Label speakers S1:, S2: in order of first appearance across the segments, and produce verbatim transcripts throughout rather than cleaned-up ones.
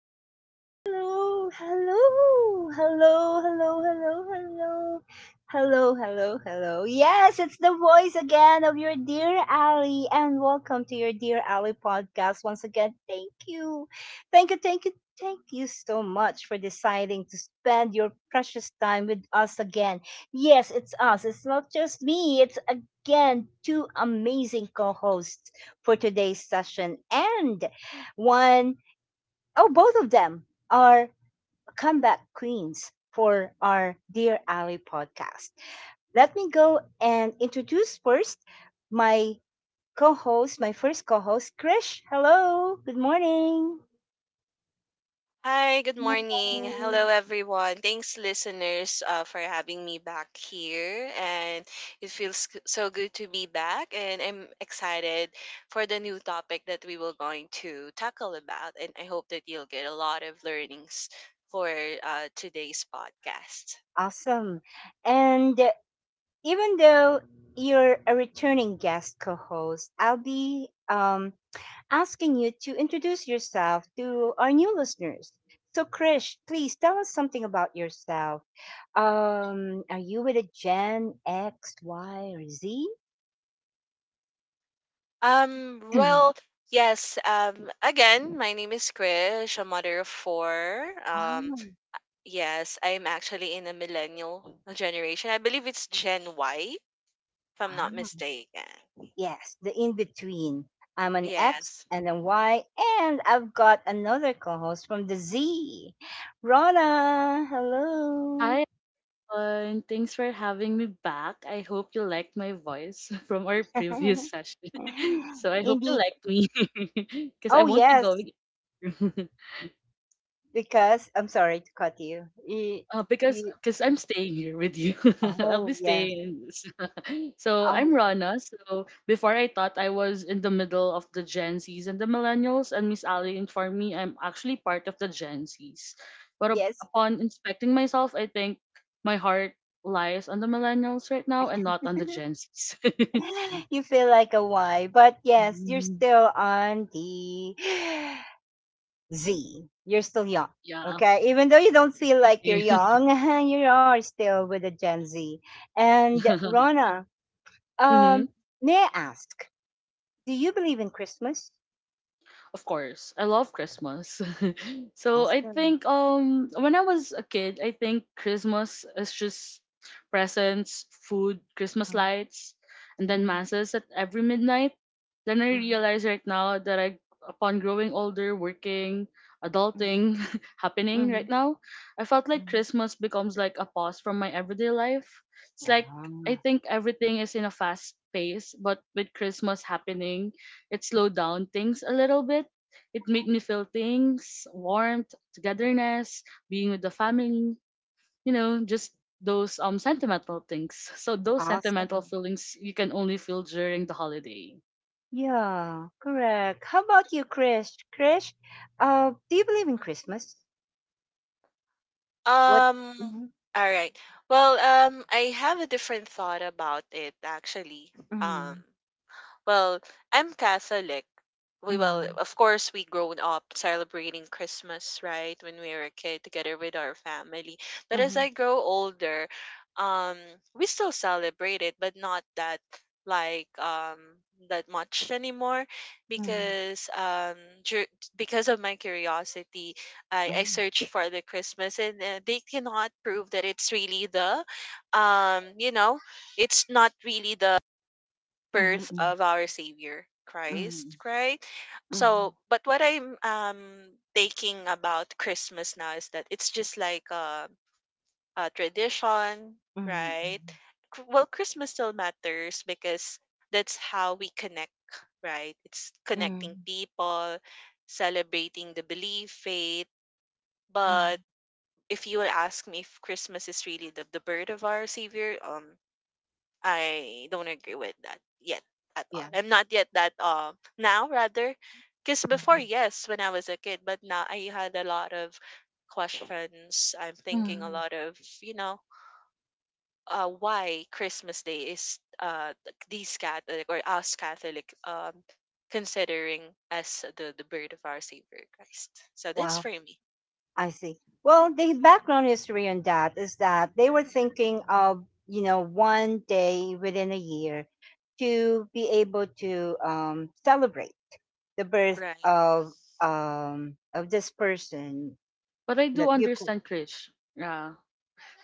S1: hello, hello, hello, hello, hello, hello, hello, hello, hello, hello. Yes, it's the voice again of your dear Ali, and welcome to your dear Ali podcast once again. Thank you, thank you, thank you, thank you so much for deciding to spend your precious time with us again. Yes, it's us. It's not just me. It's again two amazing co-hosts for today's session and one, oh, both of them are comeback queens for our Dear Ally podcast. Let me go and introduce first my co host, my first co host, Krish. Hello, good morning.
S2: Hi, good morning.
S1: Morning.
S2: Hello, everyone. Thanks, listeners, uh, for having me back here. And it feels g- so good to be back. And I'm excited for the new topic that we will going to tackle about. And I hope that you'll get a lot of learnings for uh, today's podcast.
S1: Awesome. And uh, even though you're a returning guest co-host, I'll be um asking you to introduce yourself to our new listeners. So, Krish, please tell us something about yourself. Um, are you with a Gen X, Y, or Z?
S2: Um, well, yes. Um, again, my name is Krish, a mother of four. Um,
S1: Um,
S2: yes, I'm actually in a millennial generation. I believe it's Gen Y if I'm not
S1: Ah,
S2: mistaken.
S1: yes, the in between. I'm an X
S2: Yes.
S1: and a Y, and I've got another co host from the Z. Rana, hello.
S3: Hi, everyone. Thanks for having me back. I hope you liked my voice from our previous session. so I hope you
S1: Indeed.
S3: liked me because I
S1: Oh,
S3: won't.
S1: yes, because I'm sorry to cut you.
S3: Uh, because
S1: You,
S3: because I'm staying here with you. I'll be
S1: Oh, yes.
S3: staying. So I'm
S1: Oh,
S3: Rana. So before I thought I was in the middle of the Gen Zs and the Millennials, and Miss Ali informed me I'm actually part of the Gen Zs. But up-
S1: yes.
S3: upon inspecting myself, I think my heart lies on the Millennials right now and not on the Gen Zs.
S1: You feel like a Y, but yes, you're
S3: Mhm.
S1: still on the Z. You're still young.
S3: Yeah.
S1: Okay, even though you don't feel like you're young, you are still with the Gen Z. And Rona, um,
S3: Mm-hmm.
S1: may I ask, do you believe in Christmas?
S3: Of course, I love Christmas. so I
S1: Awesome.
S3: think um when I was a kid, I think Christmas is just presents, food, Christmas
S1: Mhm,
S3: lights, and then
S1: mhm,
S3: masses at every midnight. Then I
S1: mhm,
S3: realize right now that I upon growing older, working,
S1: mhm,
S3: adulting happening right
S1: mhm,
S3: now, I felt like
S1: mhm.
S3: Christmas becomes like a pause from my everyday life. It's like I
S1: Wow.
S3: think everything is in a fast pace, but with Christmas happening, it slowed down things a little bit it made me feel things, warmth, togetherness, being with the family, you know, just those um sentimental things. So those sentimental
S1: Awesome.
S3: feelings you can only feel during the holiday.
S1: Yeah, correct. How about you, Krish? Krish, uh, do you believe in Christmas? What?
S2: Um,
S1: Mm,
S2: all right. Well, um, I have a different thought about it actually. Um,
S1: mm,
S2: Well, I'm Catholic. We well,
S1: mm,
S2: of course, we grown up celebrating Christmas, right, when we were a kid together with our family. But as
S1: mm,
S2: I grow older, um, we still celebrate it, but not that like um that much anymore
S1: mm,
S2: because um dur- because of my curiosity, i i
S1: mm,
S2: search for the Christmas, and uh, they cannot prove that it's really the um you know it's not really the
S1: mm,
S2: birth
S1: mm,
S2: of our Savior Christ,
S1: mm,
S2: right?
S1: mm,
S2: So, but what I'm um thinking about Christmas now is that it's just like a, a tradition,
S1: mm,
S2: right? Cr- Well, Christmas still matters because that's how we connect, right? It's connecting
S1: mm,
S2: people, celebrating the belief, faith. But
S1: mm,
S2: if you will ask me if Christmas is really the, the birth of our Savior, um, I don't agree with that yet at all.
S1: yeah,
S2: I'm not yet that um now rather because before
S1: mm,
S2: yes when I was a kid, but now I had a lot of questions. I'm thinking a
S1: mm.
S2: lot of you know uh why Christmas Day is uh th- these Catholic or us Catholic um considering as the the birth of our Savior Christ. So that's
S1: Wow,
S2: for me,
S1: I see. Well, the background history on that is that they were thinking of, you know, one day within a year to be able to um, celebrate the birth
S2: right?
S1: of um of this person
S3: But I do
S1: that you could.
S3: understand Krish. Yeah.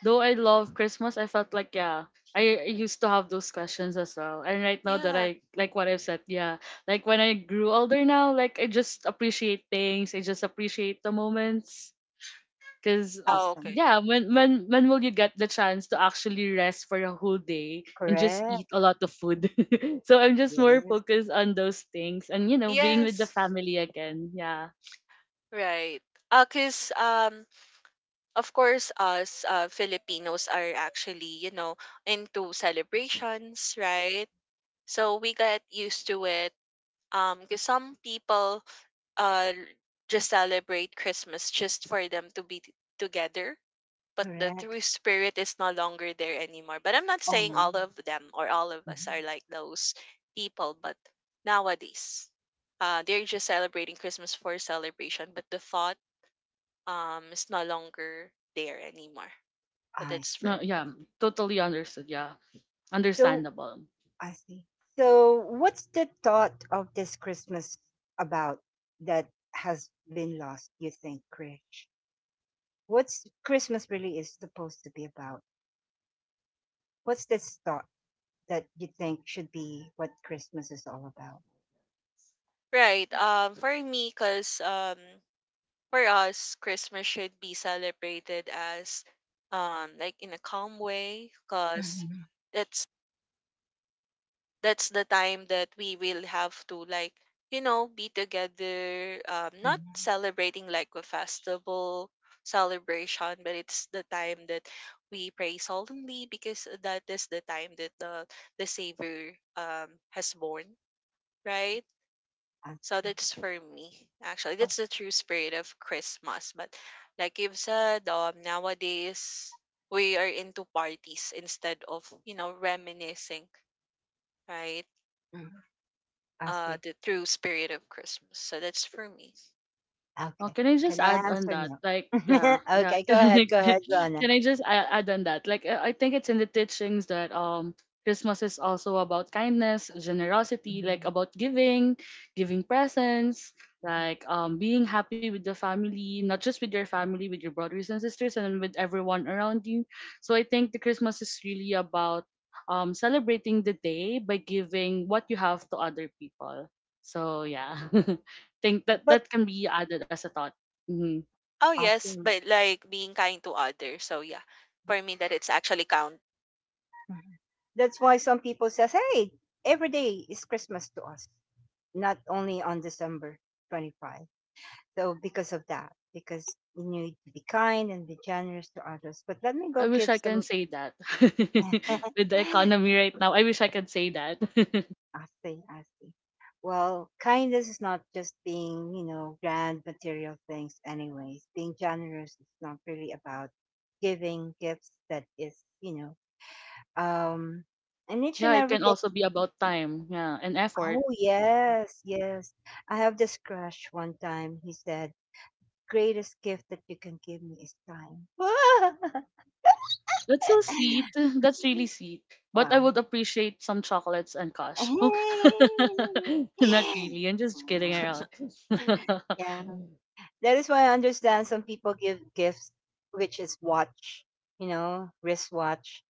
S3: Though I love Christmas, I felt like yeah, I I used to have those questions as well. And right now that
S2: Yeah.
S3: I like what I've said, yeah. Like when I grew older now, like I just appreciate things. I just appreciate the moments. Cause
S2: Oh,
S1: Awesome.
S2: okay.
S3: yeah, when when when will you get the chance to actually rest for a whole day and just eat a
S1: Correct.
S3: lot of food? so I'm just more
S1: Yes.
S3: focused on those things and you know being with the
S2: Yes.
S3: family again. Yeah,
S2: Right. Uh, cause um of course us uh, Filipinos are actually, you know, into celebrations, right, so we get used to it um because some people uh just celebrate Christmas just for them to be t- together, but the
S1: Correct.
S2: true spirit is no longer there anymore. But I'm not saying
S1: Oh.
S2: all of them or all of us
S1: Mhm.
S2: are like those people, but nowadays uh they're just celebrating Christmas for celebration, but the thought um is no longer there anymore. But
S1: I
S2: that's for
S1: see.
S3: no, yeah,
S2: me.
S3: totally understood. Yeah,
S1: so
S3: understandable.
S1: i see so what's the thought of this Christmas about that has been lost, you think, Krish? What's Christmas really is supposed to be about? What's this thought that you think should be what Christmas is all about?
S2: Right. Um, for me, cause um, for us, Christmas should be celebrated as um, like in a calm way, cause
S1: Mhm,
S2: that's that's the time that we will have to, like, you know, be together. Um, not
S1: mhm.
S2: celebrating like a festival celebration, but it's the time that we pray solemnly because that is the time that the the Savior um has born. Right.
S1: I
S2: So
S1: see.
S2: that's for me, actually. That's
S1: Oh,
S2: the true spirit of Christmas. But like you've said, um, nowadays we are into parties instead of, you know, reminiscing, right?
S1: mhm, I
S2: Uh,
S1: see.
S2: the true spirit of Christmas. So that's for me.
S3: Oh,
S1: Okay.
S3: can I just
S1: Can I
S3: add on
S1: answer
S3: that?
S1: now?
S3: Like, yeah, yeah,
S1: Okay, go ahead. Go
S3: Can
S1: ahead, Rona.
S3: I just add, add on that? Like, I I think it's in the teachings that um Christmas is also about kindness, generosity, like
S1: Mhm.
S3: about giving, giving presents, like um being happy with the family, not just with your family, with your brothers and sisters, and with everyone around you. So I think the Christmas is really about um celebrating the day by giving what you have to other people. So yeah, think that
S1: But
S3: that can be added as a thought. Mm-hmm.
S2: Oh, yes,
S1: awesome.
S2: but like being kind to others. So yeah, for me, that it's actually count.
S1: Mhm. That's why some people says, "Hey, every day is Christmas to us, not only on December twenty twenty five." So because of that, because we need to be kind and be generous to others. But let me go
S3: I wish
S1: give
S3: I can
S1: some.
S3: say that. With the economy right now, I wish I could say that.
S1: I see, I see. Well, kindness is not just being, you know, grand material things, anyways. Being generous is not really about giving gifts that is, you know, um, and each and
S3: yeah, it
S1: every
S3: can
S1: day.
S3: also be about time, yeah, and
S1: Oh,
S3: effort.
S1: yes, yes. I have this crush one time. He said, greatest gift that you can give me is time.
S3: That's so sweet. That's really sweet. But I
S1: Wow.
S3: would appreciate some chocolates and cash. Oh, not really. I'm just kidding around.
S1: Yeah. That is why I understand some people give gifts, which is watch, you know, wristwatch,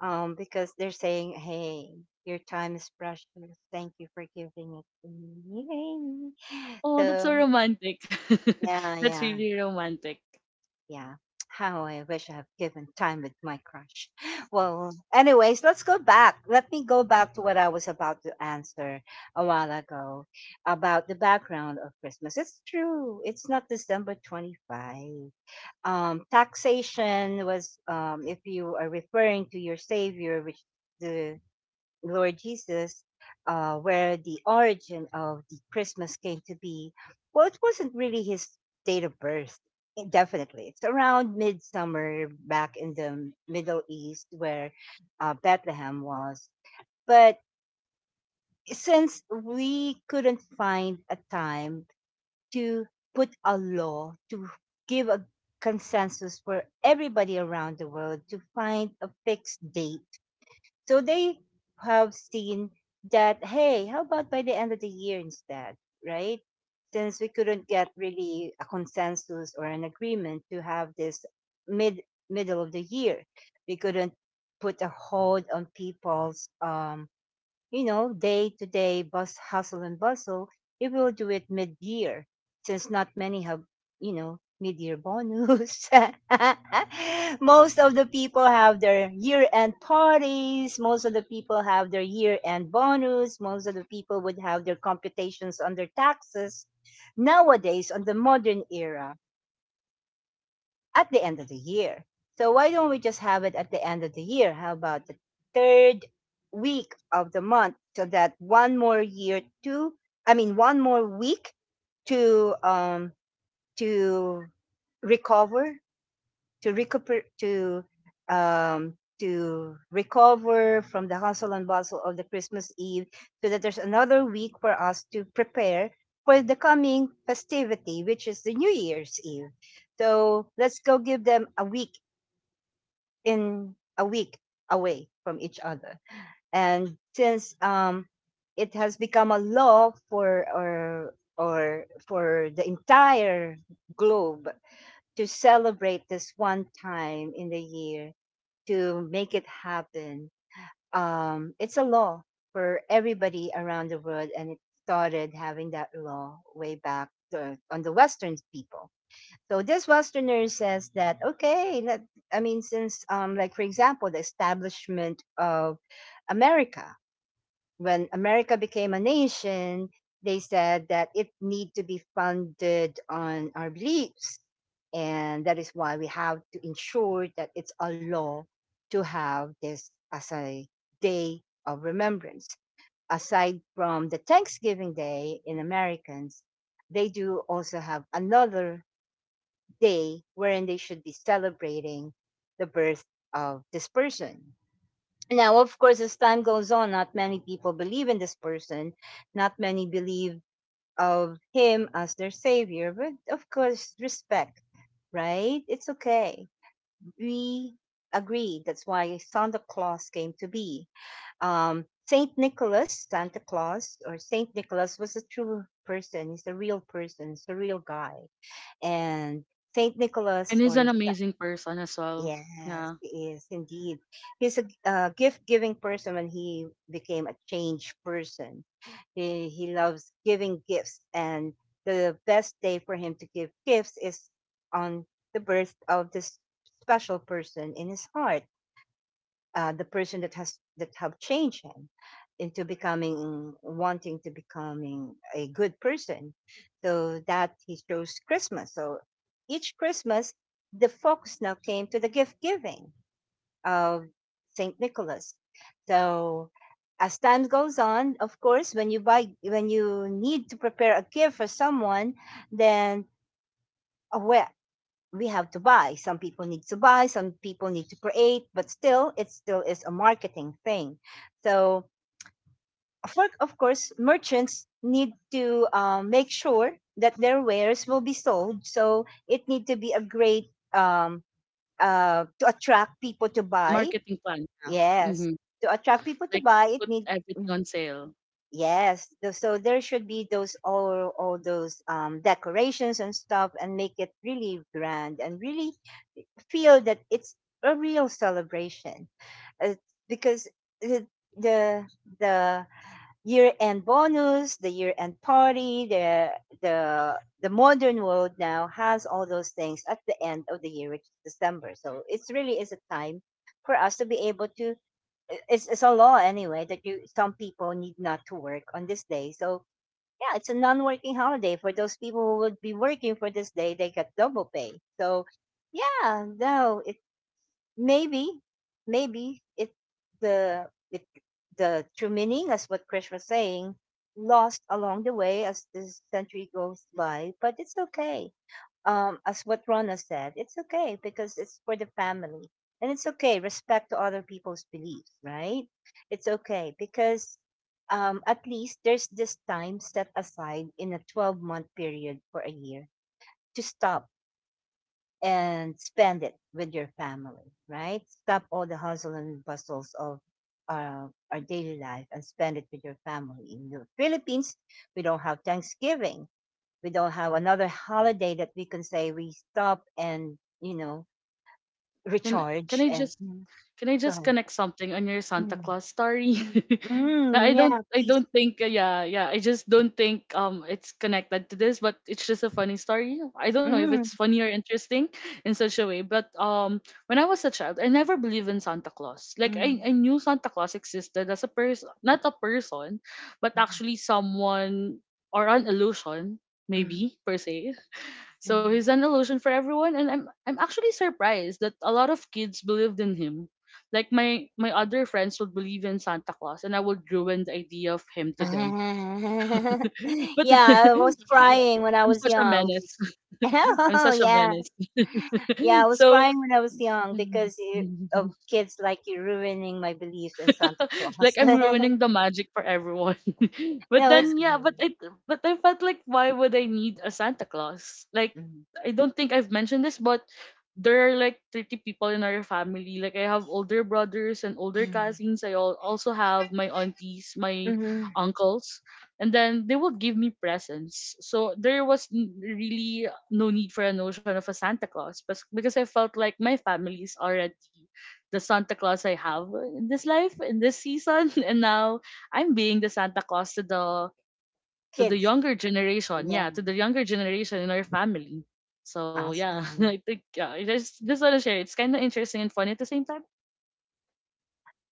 S1: um, because they're saying, "Hey, your time is precious. Thank you for giving it to me." Yay.
S3: oh, that's so
S1: So
S3: romantic.
S1: yeah,
S3: that's
S1: yeah,
S3: really romantic.
S1: yeah. How I wish I have given time with my crush. Well, anyways, let's go back. Let me go back to what I was about to answer a while ago about the background of Christmas. It's true. It's not December twenty-fifth. um, taxation was, um, if you are referring to your Savior, which the Lord Jesus, uh, where the origin of the Christmas came to be, well, it wasn't really his date of birth. eh, Definitely, it's around midsummer back in the Middle East where uh, Bethlehem was. But since we couldn't find a time to put a law to give a consensus for everybody around the world to find a fixed date. So they have seen that, hey, how about by the end of the year instead, right? Since we couldn't get really a consensus or an agreement to have this mid middle of the year, we couldn't put a hold on people's um, you know, day to day bus hustle and bustle, we will do it mid year since not many have, you know, mid year bonus. Most of the people have their year end parties. Most of the people have their year end bonus. Most of the people would have their computations on their taxes. Nowadays, on the modern era, at the end of the year. So why don't we just have it at the end of the year? How about the third week of the month so that one more year to I mean one more week to um to recover to recuper to um, to recover from the hustle and bustle of the Christmas Eve, so that there's another week for us to prepare for the coming festivity, which is the New Year's Eve. So let's go give them a week in a week away from each other. And since um, it has become a law for or or for the entire globe to celebrate this one time in the year to make it happen. Um, it's a law for everybody around the world, and it started having that law way back the, on the Western people. So this Westerner says that okay, let, I mean, since um, like for example, the establishment of America when America became a nation, they said that it need to be founded on our beliefs. And that is why we have to ensure that it's a law to have this as a day of remembrance. Aside from the Thanksgiving Day in Americans, they do also have another day wherein they should be celebrating the birth of this person. Now, of course, as time goes on, not many people believe in this person. Not many believe of him as their savior. But of course, respect, right? It's okay. We agree. That's why Santa Claus came to be. Um, Saint Nicholas, Santa Claus, or Saint Nicholas was a true person. He's a real person. He's a real guy. And Saint
S3: And
S1: Nicholas,
S3: he's
S1: or—
S3: an amazing person as well.
S1: Yes,
S3: Yeah.
S1: he is indeed. He's a uh, gift-giving person when he became a changed person. He he loves giving gifts, and the best day for him to give gifts is on the birth of this special person in his heart, uh, the person that has that have changed him into becoming wanting to becoming a good person, so that he chose Christmas. So each Christmas, the focus now came to the gift giving of Saint Nicholas. So as time goes on, of course, when you buy when you need to prepare a gift for someone, then aware we have to buy. Some people need to buy, some people need to create, but still, it still is a marketing thing. So, for, of course, merchants need to uh, make sure that their wares will be sold. So, it need to be a great um, uh, to attract people to buy.
S3: Marketing plan. Yeah.
S1: Yes, to attract people to
S3: Like
S1: buy, it need.
S3: everything on sale.
S1: Yes, tho- so there should be those all all those um, decorations and stuff, and make it really grand and really feel that it's a real celebration, uh, because the the the year end bonus, the year end party, the the the modern world now has all those things at the end of the year, which is December. So it's really is a time for us to be able to i- it's it's a law anyway that you some people need not to work on this day. So yeah, it's a non-working holiday for those people who would be working for this day. They get double pay. So yeah, no, it maybe maybe it the it the true meaning as what Krish was saying lost along the way as this century goes by, but it's okay. um, as what Rona said, it's okay because it's for the family. And it's okay, respect to other people's beliefs, right? It's okay because um, at least there's this time set aside in a twelve month period for a year to stop and spend it with your family, right? Stop all the hustle and bustles of our, our daily life and spend it with your family. In the Philippines, we don't have Thanksgiving. We don't have another holiday that we can say we stop and you know
S3: Can can
S1: recharge
S3: I
S1: and—
S3: just
S1: Mm,
S3: can I
S1: go
S3: just
S1: ahead.
S3: connect something on your Santa
S1: Mm,
S3: Claus story?
S1: mm,
S3: Na, I
S1: mm,
S3: don't
S1: yeah,
S3: I
S1: please.
S3: don't think uh, yeah, yeah, I just don't think um it's connected to this, but it's just a funny story. I don't know if it's
S1: Mm,
S3: funny or interesting in such a way, but um when I was a child, I never believed in Santa Claus. Like I I
S1: mm,
S3: knew Santa Claus existed as a person, not a person, but
S1: mm,
S3: actually someone or an illusion
S1: mm,
S3: maybe per se, so he's
S1: mm.
S2: Mhm.
S3: an illusion for everyone, and I'm I'm actually surprised that a lot of kids believed in him. Like my my other friends would believe in Santa Claus, and I would ruin the idea of him to them. But
S1: Yeah, I was crying when I was
S3: such a
S1: young.
S3: menace,
S1: Oh
S3: such a
S1: yeah,
S3: menace.
S1: yeah, I was
S3: So
S1: crying when I was young because you, of kids like you ruining my beliefs in Santa
S3: like
S1: Claus.
S3: I'm ruining the magic for everyone. but
S1: No, it's—
S3: then yeah, but it but I felt like why would I need a Santa Claus? Like
S1: Mm,
S3: I don't think I've mentioned this, but there are like thirty people in our family. Like I have older brothers and older
S1: mm,
S3: cousins. I al- also have my aunties,
S1: mm,
S3: my
S1: mhm.
S3: uncles, and then they would give me presents. So there was n- really no need for a notion of a Santa Claus bas- because I felt like my family is already the Santa Claus I have in this life, in this season, and now I'm being the Santa Claus to the to the
S1: Kids.
S3: younger generation.
S1: Yeah.
S3: Yeah, to the younger generation in our family. So yeah, I
S1: Awesome.
S3: think yeah, I just just wanna share. It's kind of interesting and funny at the same time.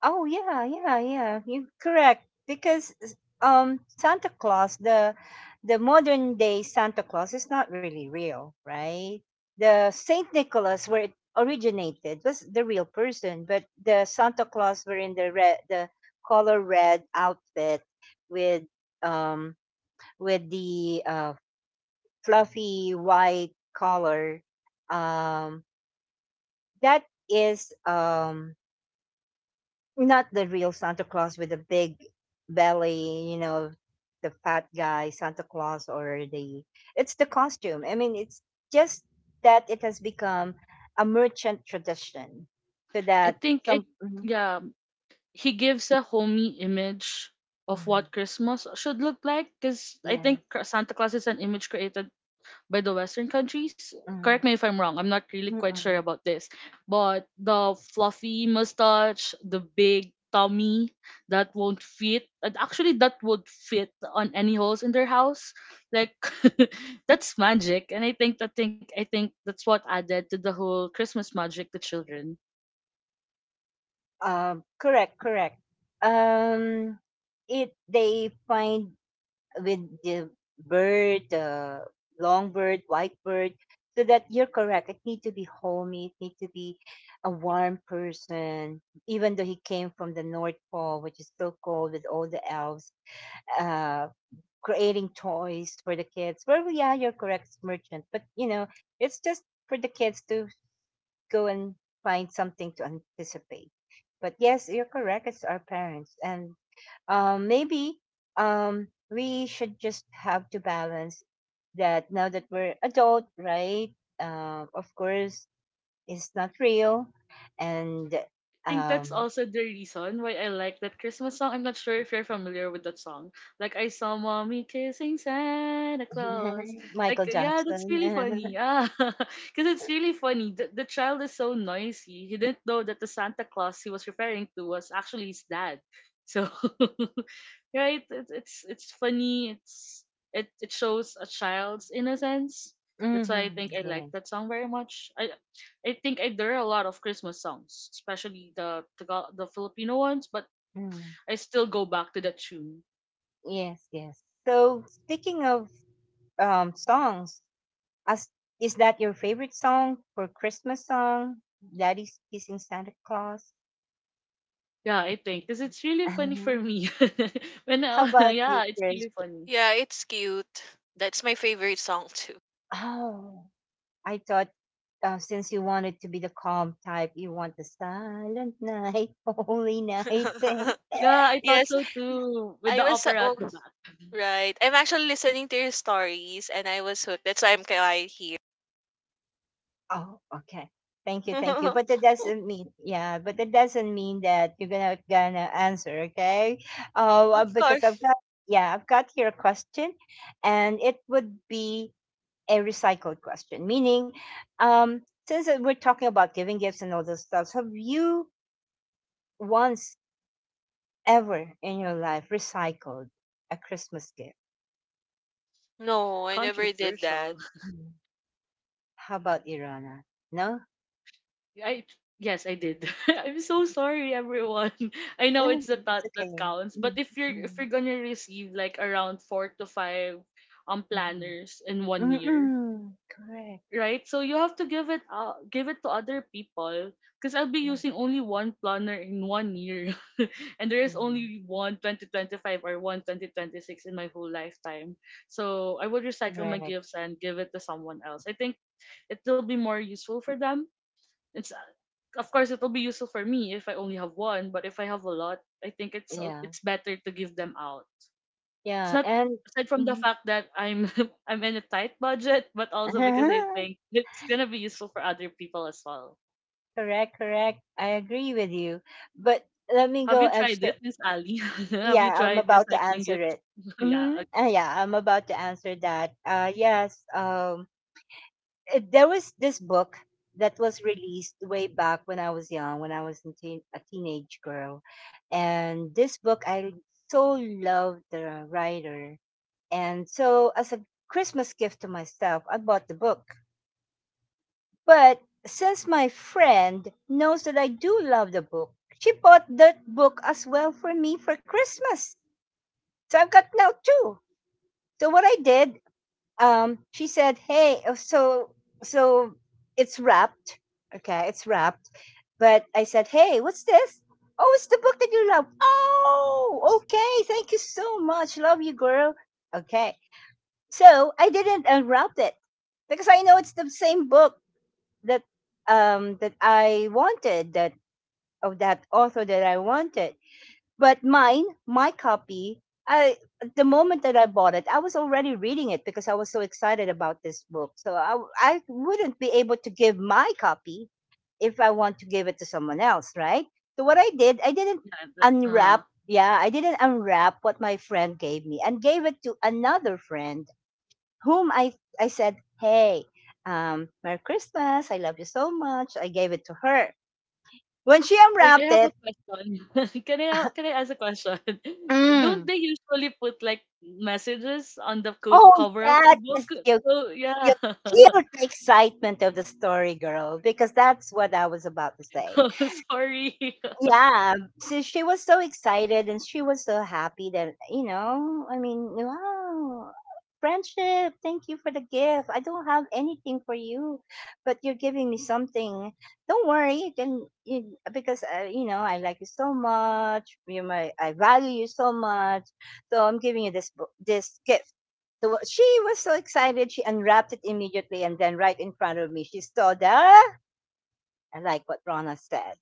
S1: Oh yeah, yeah, yeah. You're correct because s- um Santa Claus, the the modern day Santa Claus is not really real, right? The Saint Nicholas where it originated was the real person, but the Santa Claus were in the red the color red outfit with um with the uh fluffy white collar. Um that is um not the real Santa Claus with the big belly, you know, the fat guy Santa Claus, or the it's the costume. I mean, it's just that it has become a merchant tradition, so
S3: I
S1: that
S3: think, it
S1: some mhm,
S3: yeah, he gives a homey image of
S1: mhm,
S3: what Christmas should look like because I think
S1: yes,
S3: Cr- Santa Claus is an image created by the Western countries. Correct
S1: mm,
S3: me if I'm wrong. I'm not really quite sure
S1: mm-mm.
S3: about this. But the fluffy mustache, the big tummy that won't fit, and actually that would fit on any holes in their house. Like that's magic, and I think I think I think that's what added to the whole Christmas magic to children.
S1: Um, correct, correct. Um, it they find with the bird, the longbird, whitebird, so that you're correct. It need to be homey. It need to be a warm person, even though he came from the North Pole, which is so cold with all the elves. Uh, Creating toys for the kids. Well, yeah, you're correct, it's merchant, but you know, it's just for the kids to go and find something to anticipate. But yes, you're correct. It's our parents, and um, maybe um, we should just have to balance that now that we're adult, right? Uh, of course, it's not real, and
S3: think that's
S1: um,
S3: also the reason why I like that Christmas song. I'm not sure if you're familiar with that song. Like I saw mommy kissing Santa Claus. Like
S1: Michael
S3: yeah, that's
S1: Jackson.
S3: really funny. Ah, because it's really funny. The, the child is so noisy. He didn't know that the Santa Claus he was referring to was actually his dad. So, right, it, it's it's funny. It's it it shows a child's innocence. That's why I
S1: Hmm.
S3: think I like
S1: Yes.
S3: that song very much. I I think I, there are a lot of Christmas songs, especially the Tagal- the Filipino ones, but
S1: Mm.
S3: I still go back to that tune.
S1: Yes. Yes. So speaking of um, songs, as is that your favorite song for Christmas song? Daddy's Kissing Santa Claus.
S3: Yeah, I think because it's really funny
S1: Mhm.
S3: for me. when
S1: How
S3: I,
S1: about you,
S3: yeah, it's
S1: Chris?
S3: really funny.
S2: yeah, it's cute. That's my favorite song too.
S1: Oh, I thought uh, since you wanted to be the calm type, you want the Silent Night, Holy Night thing.
S3: Yeah, I thought
S2: yes,
S3: so too. With the
S2: I was. uh,
S3: opera at
S2: Oh,
S3: the back,
S2: Right. I'm actually listening to your stories and I was hooked. That's why I'm quiet here.
S1: Oh, okay. Thank you, thank you. But
S2: of
S1: that doesn't mean, yeah, but that doesn't mean that you're gonna gonna answer, okay? Oh, uh, because I've
S2: course.
S1: got, yeah, I've got here a question, and it would be a recycled question, meaning, um, since that we're talking about giving gifts and all those stuff, have you once ever in your life recycled a Christmas gift?
S2: No, I never did
S3: controversial.
S2: that.
S1: Mm. How about Irana? No,
S3: I yes, I did. I'm so sorry, everyone. I know
S1: mm,
S3: it's the
S1: it's
S3: thought
S1: okay.
S3: that counts, but
S1: Mm,
S3: if you're if
S1: mm,
S3: you're gonna receive like around four to five um
S1: mm.
S3: planners in one year,
S1: Mm-mm. Correct.
S3: right? So you have to give it uh, give it to other people because I'll be
S1: Yes.
S3: using only one planner in one year and there is
S1: Mhm.
S3: only one twenty twenty five or one twenty twenty six in my whole lifetime. So I would recycle my
S1: Correct.
S3: gifts and give it to someone else. I think it will be more useful for them. It's Of course, it will be useful for me if I only have one, but if I have a lot, I think it's
S1: Yeah.
S3: it's better to give them out. It's
S1: Yeah.
S3: not
S1: And
S3: aside from the
S1: mhm.
S3: fact that I'm I'm in a tight budget, but also because it's gonna be useful for other people as well.
S1: Correct. Correct. I agree with you. But let me
S3: Have
S1: go
S3: you
S1: and
S3: tried
S1: sh-
S3: it, Miss Ali? have you
S1: yeah, I'm
S3: tried
S1: about to
S3: recycling
S1: answer
S3: gifts?
S1: it.
S3: yeah, uh,
S1: Mm-hmm. Uh, yeah, I'm about to answer that. Uh, yes, um, it, there was this book that was released way back when I was young, when I was a, teen, a teenage girl. And this book, I so loved the writer. And so, as a Christmas gift to myself, I bought the book. But since my friend knows that I do love the book, she bought that book as well for me for Christmas. So I've got now two. So what I did, um, she said, "Hey, uh, so so it's wrapped, okay, it's wrapped." But I said, "Hey, what's this? Oh, it's the book that you love. Oh, okay, thank you so much. Love you, girl. Okay." So I didn't unwrap it because I know it's the same book that um that I wanted, that of that author that I wanted. But mine, my copy, I the moment that I bought it, I was already reading it because I was so excited about this book. So I w- I wouldn't be able to give my copy if I want to give it to someone else, right? So what I did, I didn't
S3: yeah. That's, uh,
S1: unwrap. Yeah, I didn't unwrap what my friend gave me and gave it to another friend whom I I said, "Hey, um, Merry Christmas. I love you so much." I gave it to her. When she
S3: wait, I
S1: unwrapped
S3: have a
S1: it,
S3: question. can I can I ask a question? Don't
S1: Mm.
S3: they usually put like messages on the co-
S1: Oh,
S3: cover of
S1: that
S3: the book?
S1: is you
S3: So yeah,
S1: killed the excitement of the story, girl, because that's what I was about to say.
S3: Oh, sorry,
S1: Yeah, so she was so excited and she was so happy that, you know, I mean, wow, friendship, thank you for the gift. I don't have anything for you, but you're giving me something. Don't worry, then, you, because uh, you know, I like you so much. You my I value you so much. So I'm giving you this bo- this gift. So she was so excited, she unwrapped it immediately and then right in front of me, she saw the I like what Rona said,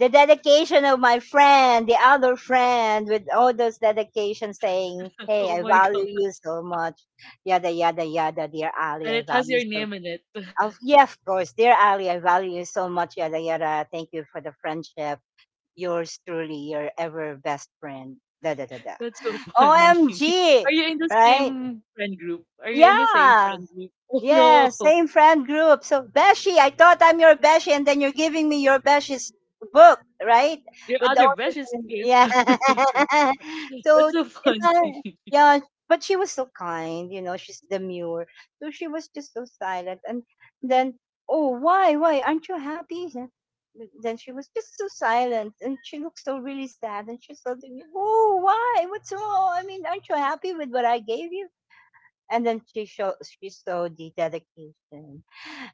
S1: the dedication of my friend, the other friend, with all those dedications saying, hey, I value you so much. Yada, yada, yada, dear Ali,
S3: and
S1: I
S3: it has
S1: value you
S3: your
S1: so much.
S3: name in it.
S1: Of, yeah, of course, dear Ali, I value you so much. Yada, yada. Thank you for the friendship. Yours truly, your ever best friend. Da, da, da, da.
S3: that's so funny.
S1: O M G,
S3: Are you in the
S1: right?
S3: same friend group? Are you in the same
S1: Yeah.
S3: group? Oh
S1: Yeah,
S3: no,
S1: same friend group. So Beshi, I thought I'm your Beshi, and then you're giving me your Beshi's book, right?
S3: your
S1: With all
S3: other
S1: this,
S3: best.
S1: uh, yeah. So
S3: That's funny.
S1: ima- yeah, but she was so kind, you know. She's demure, so she was just so silent. And then, oh, why, why aren't you happy? Then then she was just so silent, and she looked so really sad, and she's so, oh, why? What's wrong? I mean, aren't you happy with what I gave you? And then she showed she saw the dedication.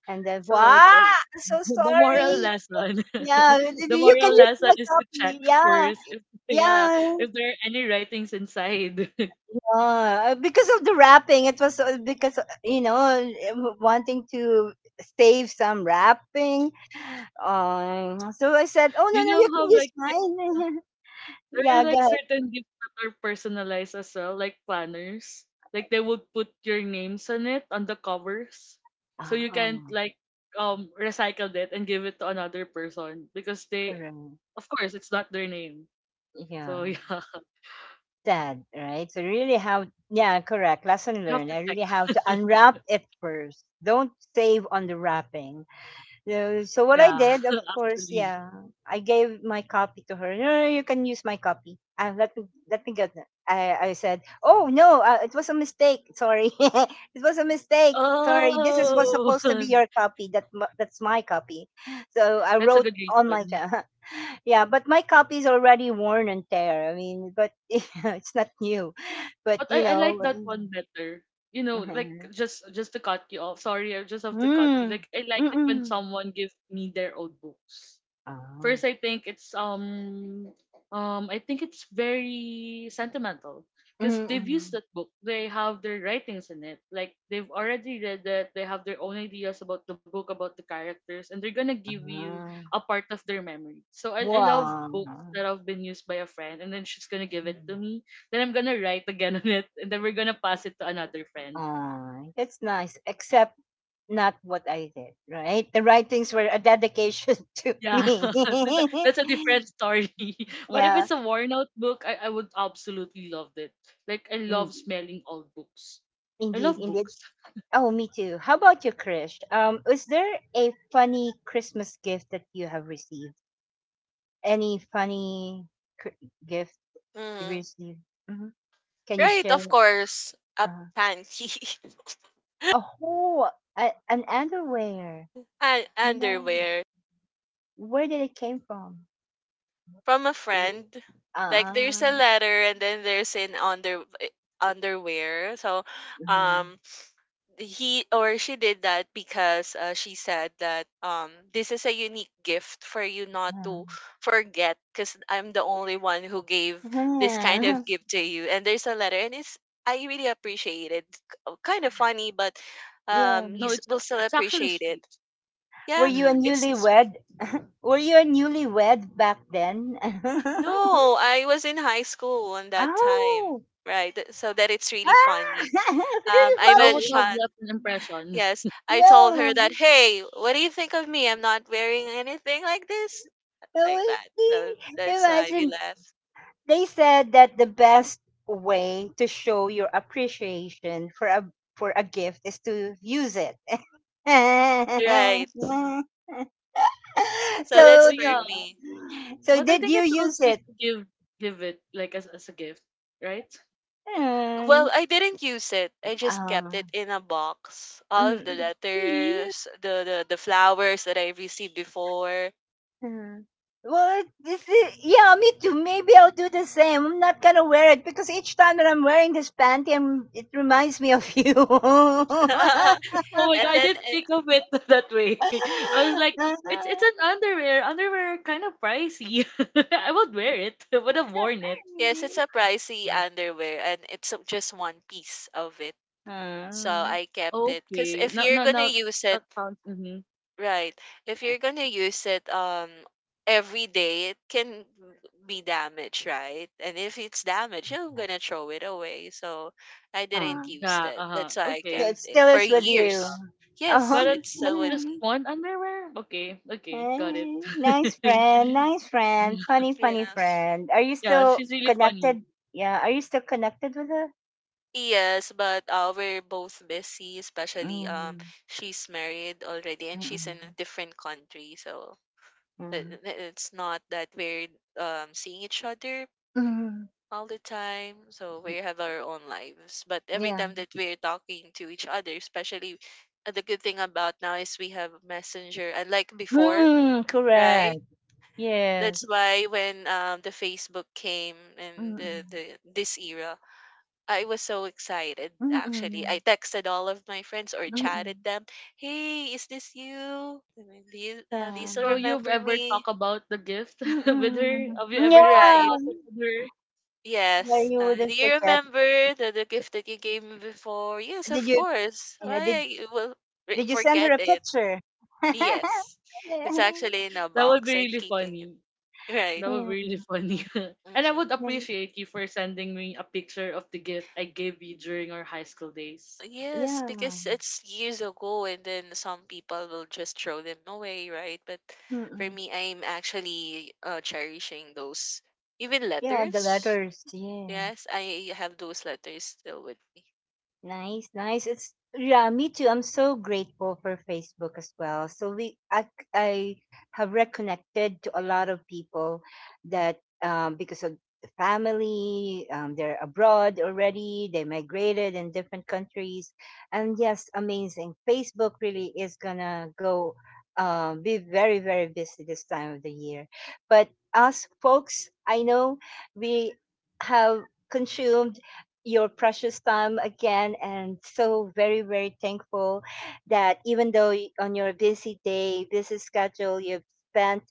S1: And then wow,
S3: So the
S1: I'm so
S3: moral
S1: sorry.
S3: lesson,
S1: Yeah,
S3: the
S1: you can
S3: moral
S1: use
S3: lesson
S1: my copy.
S3: for
S1: Yeah,
S3: yeah,
S1: yeah.
S3: if there are any writings inside,
S1: Uh, because of the wrapping, it was uh, because uh, you know uh, wanting to save some wrapping. Um, so I said, "Oh no,
S3: you
S1: no,
S3: know
S1: you
S3: how
S1: can use mine."
S3: there are
S1: Yeah, go
S3: like
S1: ahead.
S3: certain gifts that are personalized as well, like planners. Like they would put your names on it on the covers, so
S1: Ah,
S3: you can
S1: ah,
S3: like um recycle it and give it to another person because they,
S1: correct.
S3: of course, it's not their name.
S1: Yeah.
S3: So yeah,
S1: Dad, right? So really have yeah, correct. Lesson learned. I
S3: like,
S1: really have to unwrap it first. Don't save on the wrapping. Yeah, so what I did, of course,
S3: that's-
S1: yeah, I gave my copy to her. No, no, you can use my copy. Uh, let me let me get that. I, I said, oh no, uh, it was a mistake. Sorry, it was a mistake. Sorry, this is was
S3: oh,
S1: supposed to be your copy. That m- that's my copy. So I
S3: that's a
S1: wrote
S3: good
S1: on my
S3: reason.
S1: co- yeah, but my copy is already worn and tear. I mean, but it's not new. But
S3: But
S1: you
S3: I, I
S1: know,
S3: like that one better. You know, like
S1: mm,
S3: just just to cut you off. Sorry, I just have to cut.
S1: mm,
S3: Like I like
S1: mm,
S3: it when
S1: mm,
S3: someone gives me their old books. First, I think it's um um I think it's very sentimental
S1: mm,
S3: because they've used
S1: mm,
S3: that book. They have their writings in it. Like they've already read it. They have their own ideas about the book, about the characters, and they're gonna give you
S1: ah,
S3: a part of their memory. So I I love
S1: wow.
S3: books that have been used by a friend, and then she's gonna give it to
S1: Mm.
S3: me. Then I'm gonna write again on it, and then we're gonna pass it to another friend.
S1: Ah, that's nice. Except not what I did, right? The writings were a dedication to
S3: Yeah,
S1: me.
S3: that's a different story. but if
S1: Yeah,
S3: it's a worn out book, I, I would absolutely love it. Like I love
S1: indeed,
S3: smelling old books. I
S1: indeed,
S3: love
S1: indeed.
S3: books.
S1: Oh, me too. How about you, Krish? Um, is there a funny Christmas gift that you have received? Any funny cr- gift you
S2: Hmm.
S1: received? Hmm. Can you
S2: Right,
S1: share?
S2: of course. A
S1: Uh,
S2: panty.
S1: oh, a, an underwear.
S2: An
S1: Yeah.
S2: underwear
S1: Where did it came from?
S2: from a friend. Like
S1: Ah,
S2: there's a letter and then there's an under eh, underwear. So
S1: uh,
S2: um he or she did that because uh, she said that um this is a unique gift for you not
S1: uh,
S2: to forget because I'm the only one who gave this kind
S1: yeah,
S2: of gift to you, and there's a letter, and it's I really appreciate it. K- kind of funny, but
S1: yeah.
S2: um you
S3: No,
S2: s-
S3: it's
S2: will still
S3: it's actually
S2: appreciate
S3: sweet.
S2: it.
S1: Were
S2: Yeah,
S1: you a
S3: Mm.
S2: it's this week.
S1: newlywed? Were you a newlywed back then?
S2: No, I was in high school on that time.
S1: Oh,
S2: Right th- so that it's really
S1: ah,
S2: funny.
S1: it's
S2: um
S1: really
S2: I
S1: funny.
S3: I've
S2: mentioned.
S3: left an impression.
S2: Yes, I told
S1: Yeah.
S2: her that, hey, what do you think of me? I'm not wearing anything like this, like
S1: Oh,
S2: that. So that's why we
S1: imagine
S2: left.
S1: they said that the best way to show your appreciation for a for a gift is to use it.
S2: Right. Mhm. So
S3: But
S2: that's
S1: So,
S2: for me.
S1: so
S3: what I
S1: did you use it?
S3: give give it like as as a gift, right?
S2: Well,
S1: Um,
S2: I didn't use it. I just kept it
S1: um,
S2: in a box. All of the
S1: mm,
S3: Really?
S2: letters, the the, the flowers that I received before.
S1: mm. Well, this is, yeah, me too. Maybe I'll do the same. I'm not gonna wear it because each time that I'm wearing this panty, I'm, it reminds me of you.
S3: Oh my god,
S2: and
S3: I
S2: then
S3: didn't
S2: it,
S3: think of it that way. I was like, It's it's an underwear. Underwear kind of pricey. I would wear it. I would have worn it.
S2: yes, it's a pricey underwear, and it's just one piece of it. So
S1: Mm,
S2: I kept it, cuz
S3: Okay.
S2: if
S3: No,
S2: you're
S3: no,
S2: going to
S3: no.
S2: use it,
S3: That sounds. Mm-hmm.
S2: right. If you're gonna use it um every day, it can be damaged, right? And if it's damaged, you're gonna throw it away. So I didn't
S1: mm.
S2: use
S3: Yeah.
S2: that.
S3: Uh huh.
S2: That's why I
S1: Yeah,
S2: kept
S1: it
S3: Okay.
S2: it
S1: still
S2: for
S1: is with
S2: years.
S1: you.
S2: Yes,
S1: Uh-huh.
S3: But it,
S2: it's
S3: but
S2: still with
S3: just
S2: me.
S3: one underwear. Okay. Okay. Got it.
S1: Hey, nice
S2: Mhm.
S1: friend, nice friend, funny, funny
S2: Yes.
S1: friend. Are you
S3: yeah.
S1: still
S3: She's really fun.
S1: connected? Yeah, are you still connected with her?
S2: Yes, but uh, we're both busy, especially um
S1: Mm,
S2: she's married already and she's in a
S1: mm-mm,
S2: different country, so it-
S1: yeah.
S2: it- it's not that we're um seeing each other
S1: Mm,
S2: all the time. So we have our own lives. But every
S1: yeah.
S2: time that we're talking to each other, especially uh, the good thing about now is we have Messenger, unlike before,
S1: Mm,
S2: right?
S1: correct.
S2: That's
S1: Yes.
S2: why when um, the Facebook came and the,
S1: Mm,
S2: the this era, I was so excited. Actually, I
S1: mm,
S2: texted all of my friends or chatted
S1: mm,
S2: them. Hey, is this you? I mean, do you uh, do you still
S3: So
S1: yeah.
S3: you've
S2: remember
S3: ever
S2: me?
S3: talked about the gift with her?
S1: Mm,
S3: Have you ever talked
S2: Right.
S1: yeah.
S3: about it with her?
S1: Yeah,
S2: Yes.
S1: you
S2: Uh,
S1: wouldn't
S2: do you
S1: forget.
S2: remember the, the gift that you gave me before? Yes,
S1: Did
S2: of
S1: you?
S2: course.
S1: Yeah,
S2: Why
S1: did
S2: I will re-
S1: Did you send her
S2: forget
S1: a
S2: it?
S1: picture?
S2: Yes.
S1: Yeah.
S2: It's actually in a
S3: That would be
S2: box. I'm
S3: really
S2: keeping it.
S3: funny.
S2: Right.
S3: That would
S1: Yeah.
S3: be really funny. and I would
S2: Mm-hmm.
S3: appreciate you for sending me a picture of the gift I gave you during our high school days.
S2: Yes,
S1: Yeah.
S2: because it's years ago, and then some people will just throw them away, right? But for
S1: Mm-hmm.
S2: me, I'm actually uh, cherishing those, even
S1: Yeah, the
S2: letters.
S1: letters. Yes.
S2: Yes, I have those letters still with me.
S1: Nice, nice. It's yeah, me too. I'm so grateful for Facebook as well. So we I, I have reconnected to a lot of people that um because of the family, um they're abroad already, they migrated in different countries. And yes, amazing. Facebook really is gonna go um be very, very busy this time of the year. But us folks, I know we have consumed your precious time again, and so very, very thankful that even though y- on your busy day busy schedule you've spent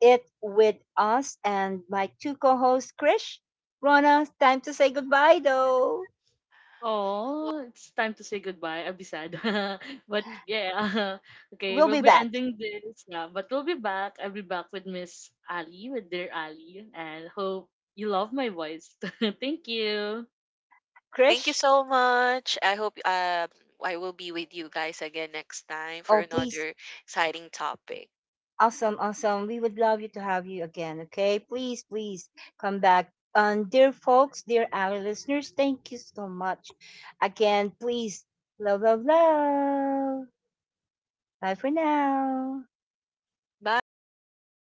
S1: it with us, and my two co-hosts Krish, Rona, time to say goodbye though.
S3: Oh, it's time to say goodbye, abisado. But yeah, okay,
S1: We'll
S3: we'll
S1: be
S3: be
S1: back.
S3: ending this now. But we'll be back. I'll be back with Miss Ali, with dear Ali, and hope you love my voice. Thank you.
S2: Thank you
S1: Krish,
S2: so much. I hope um, I will be with you guys again next time for
S1: oh please.
S2: another exciting topic.
S1: Awesome, awesome, we would love you to have you again, okay? Please, please come back. um, dear folks, dear our listeners, thank you so much again. Please, love, love, love. Bye for now.
S2: Bye.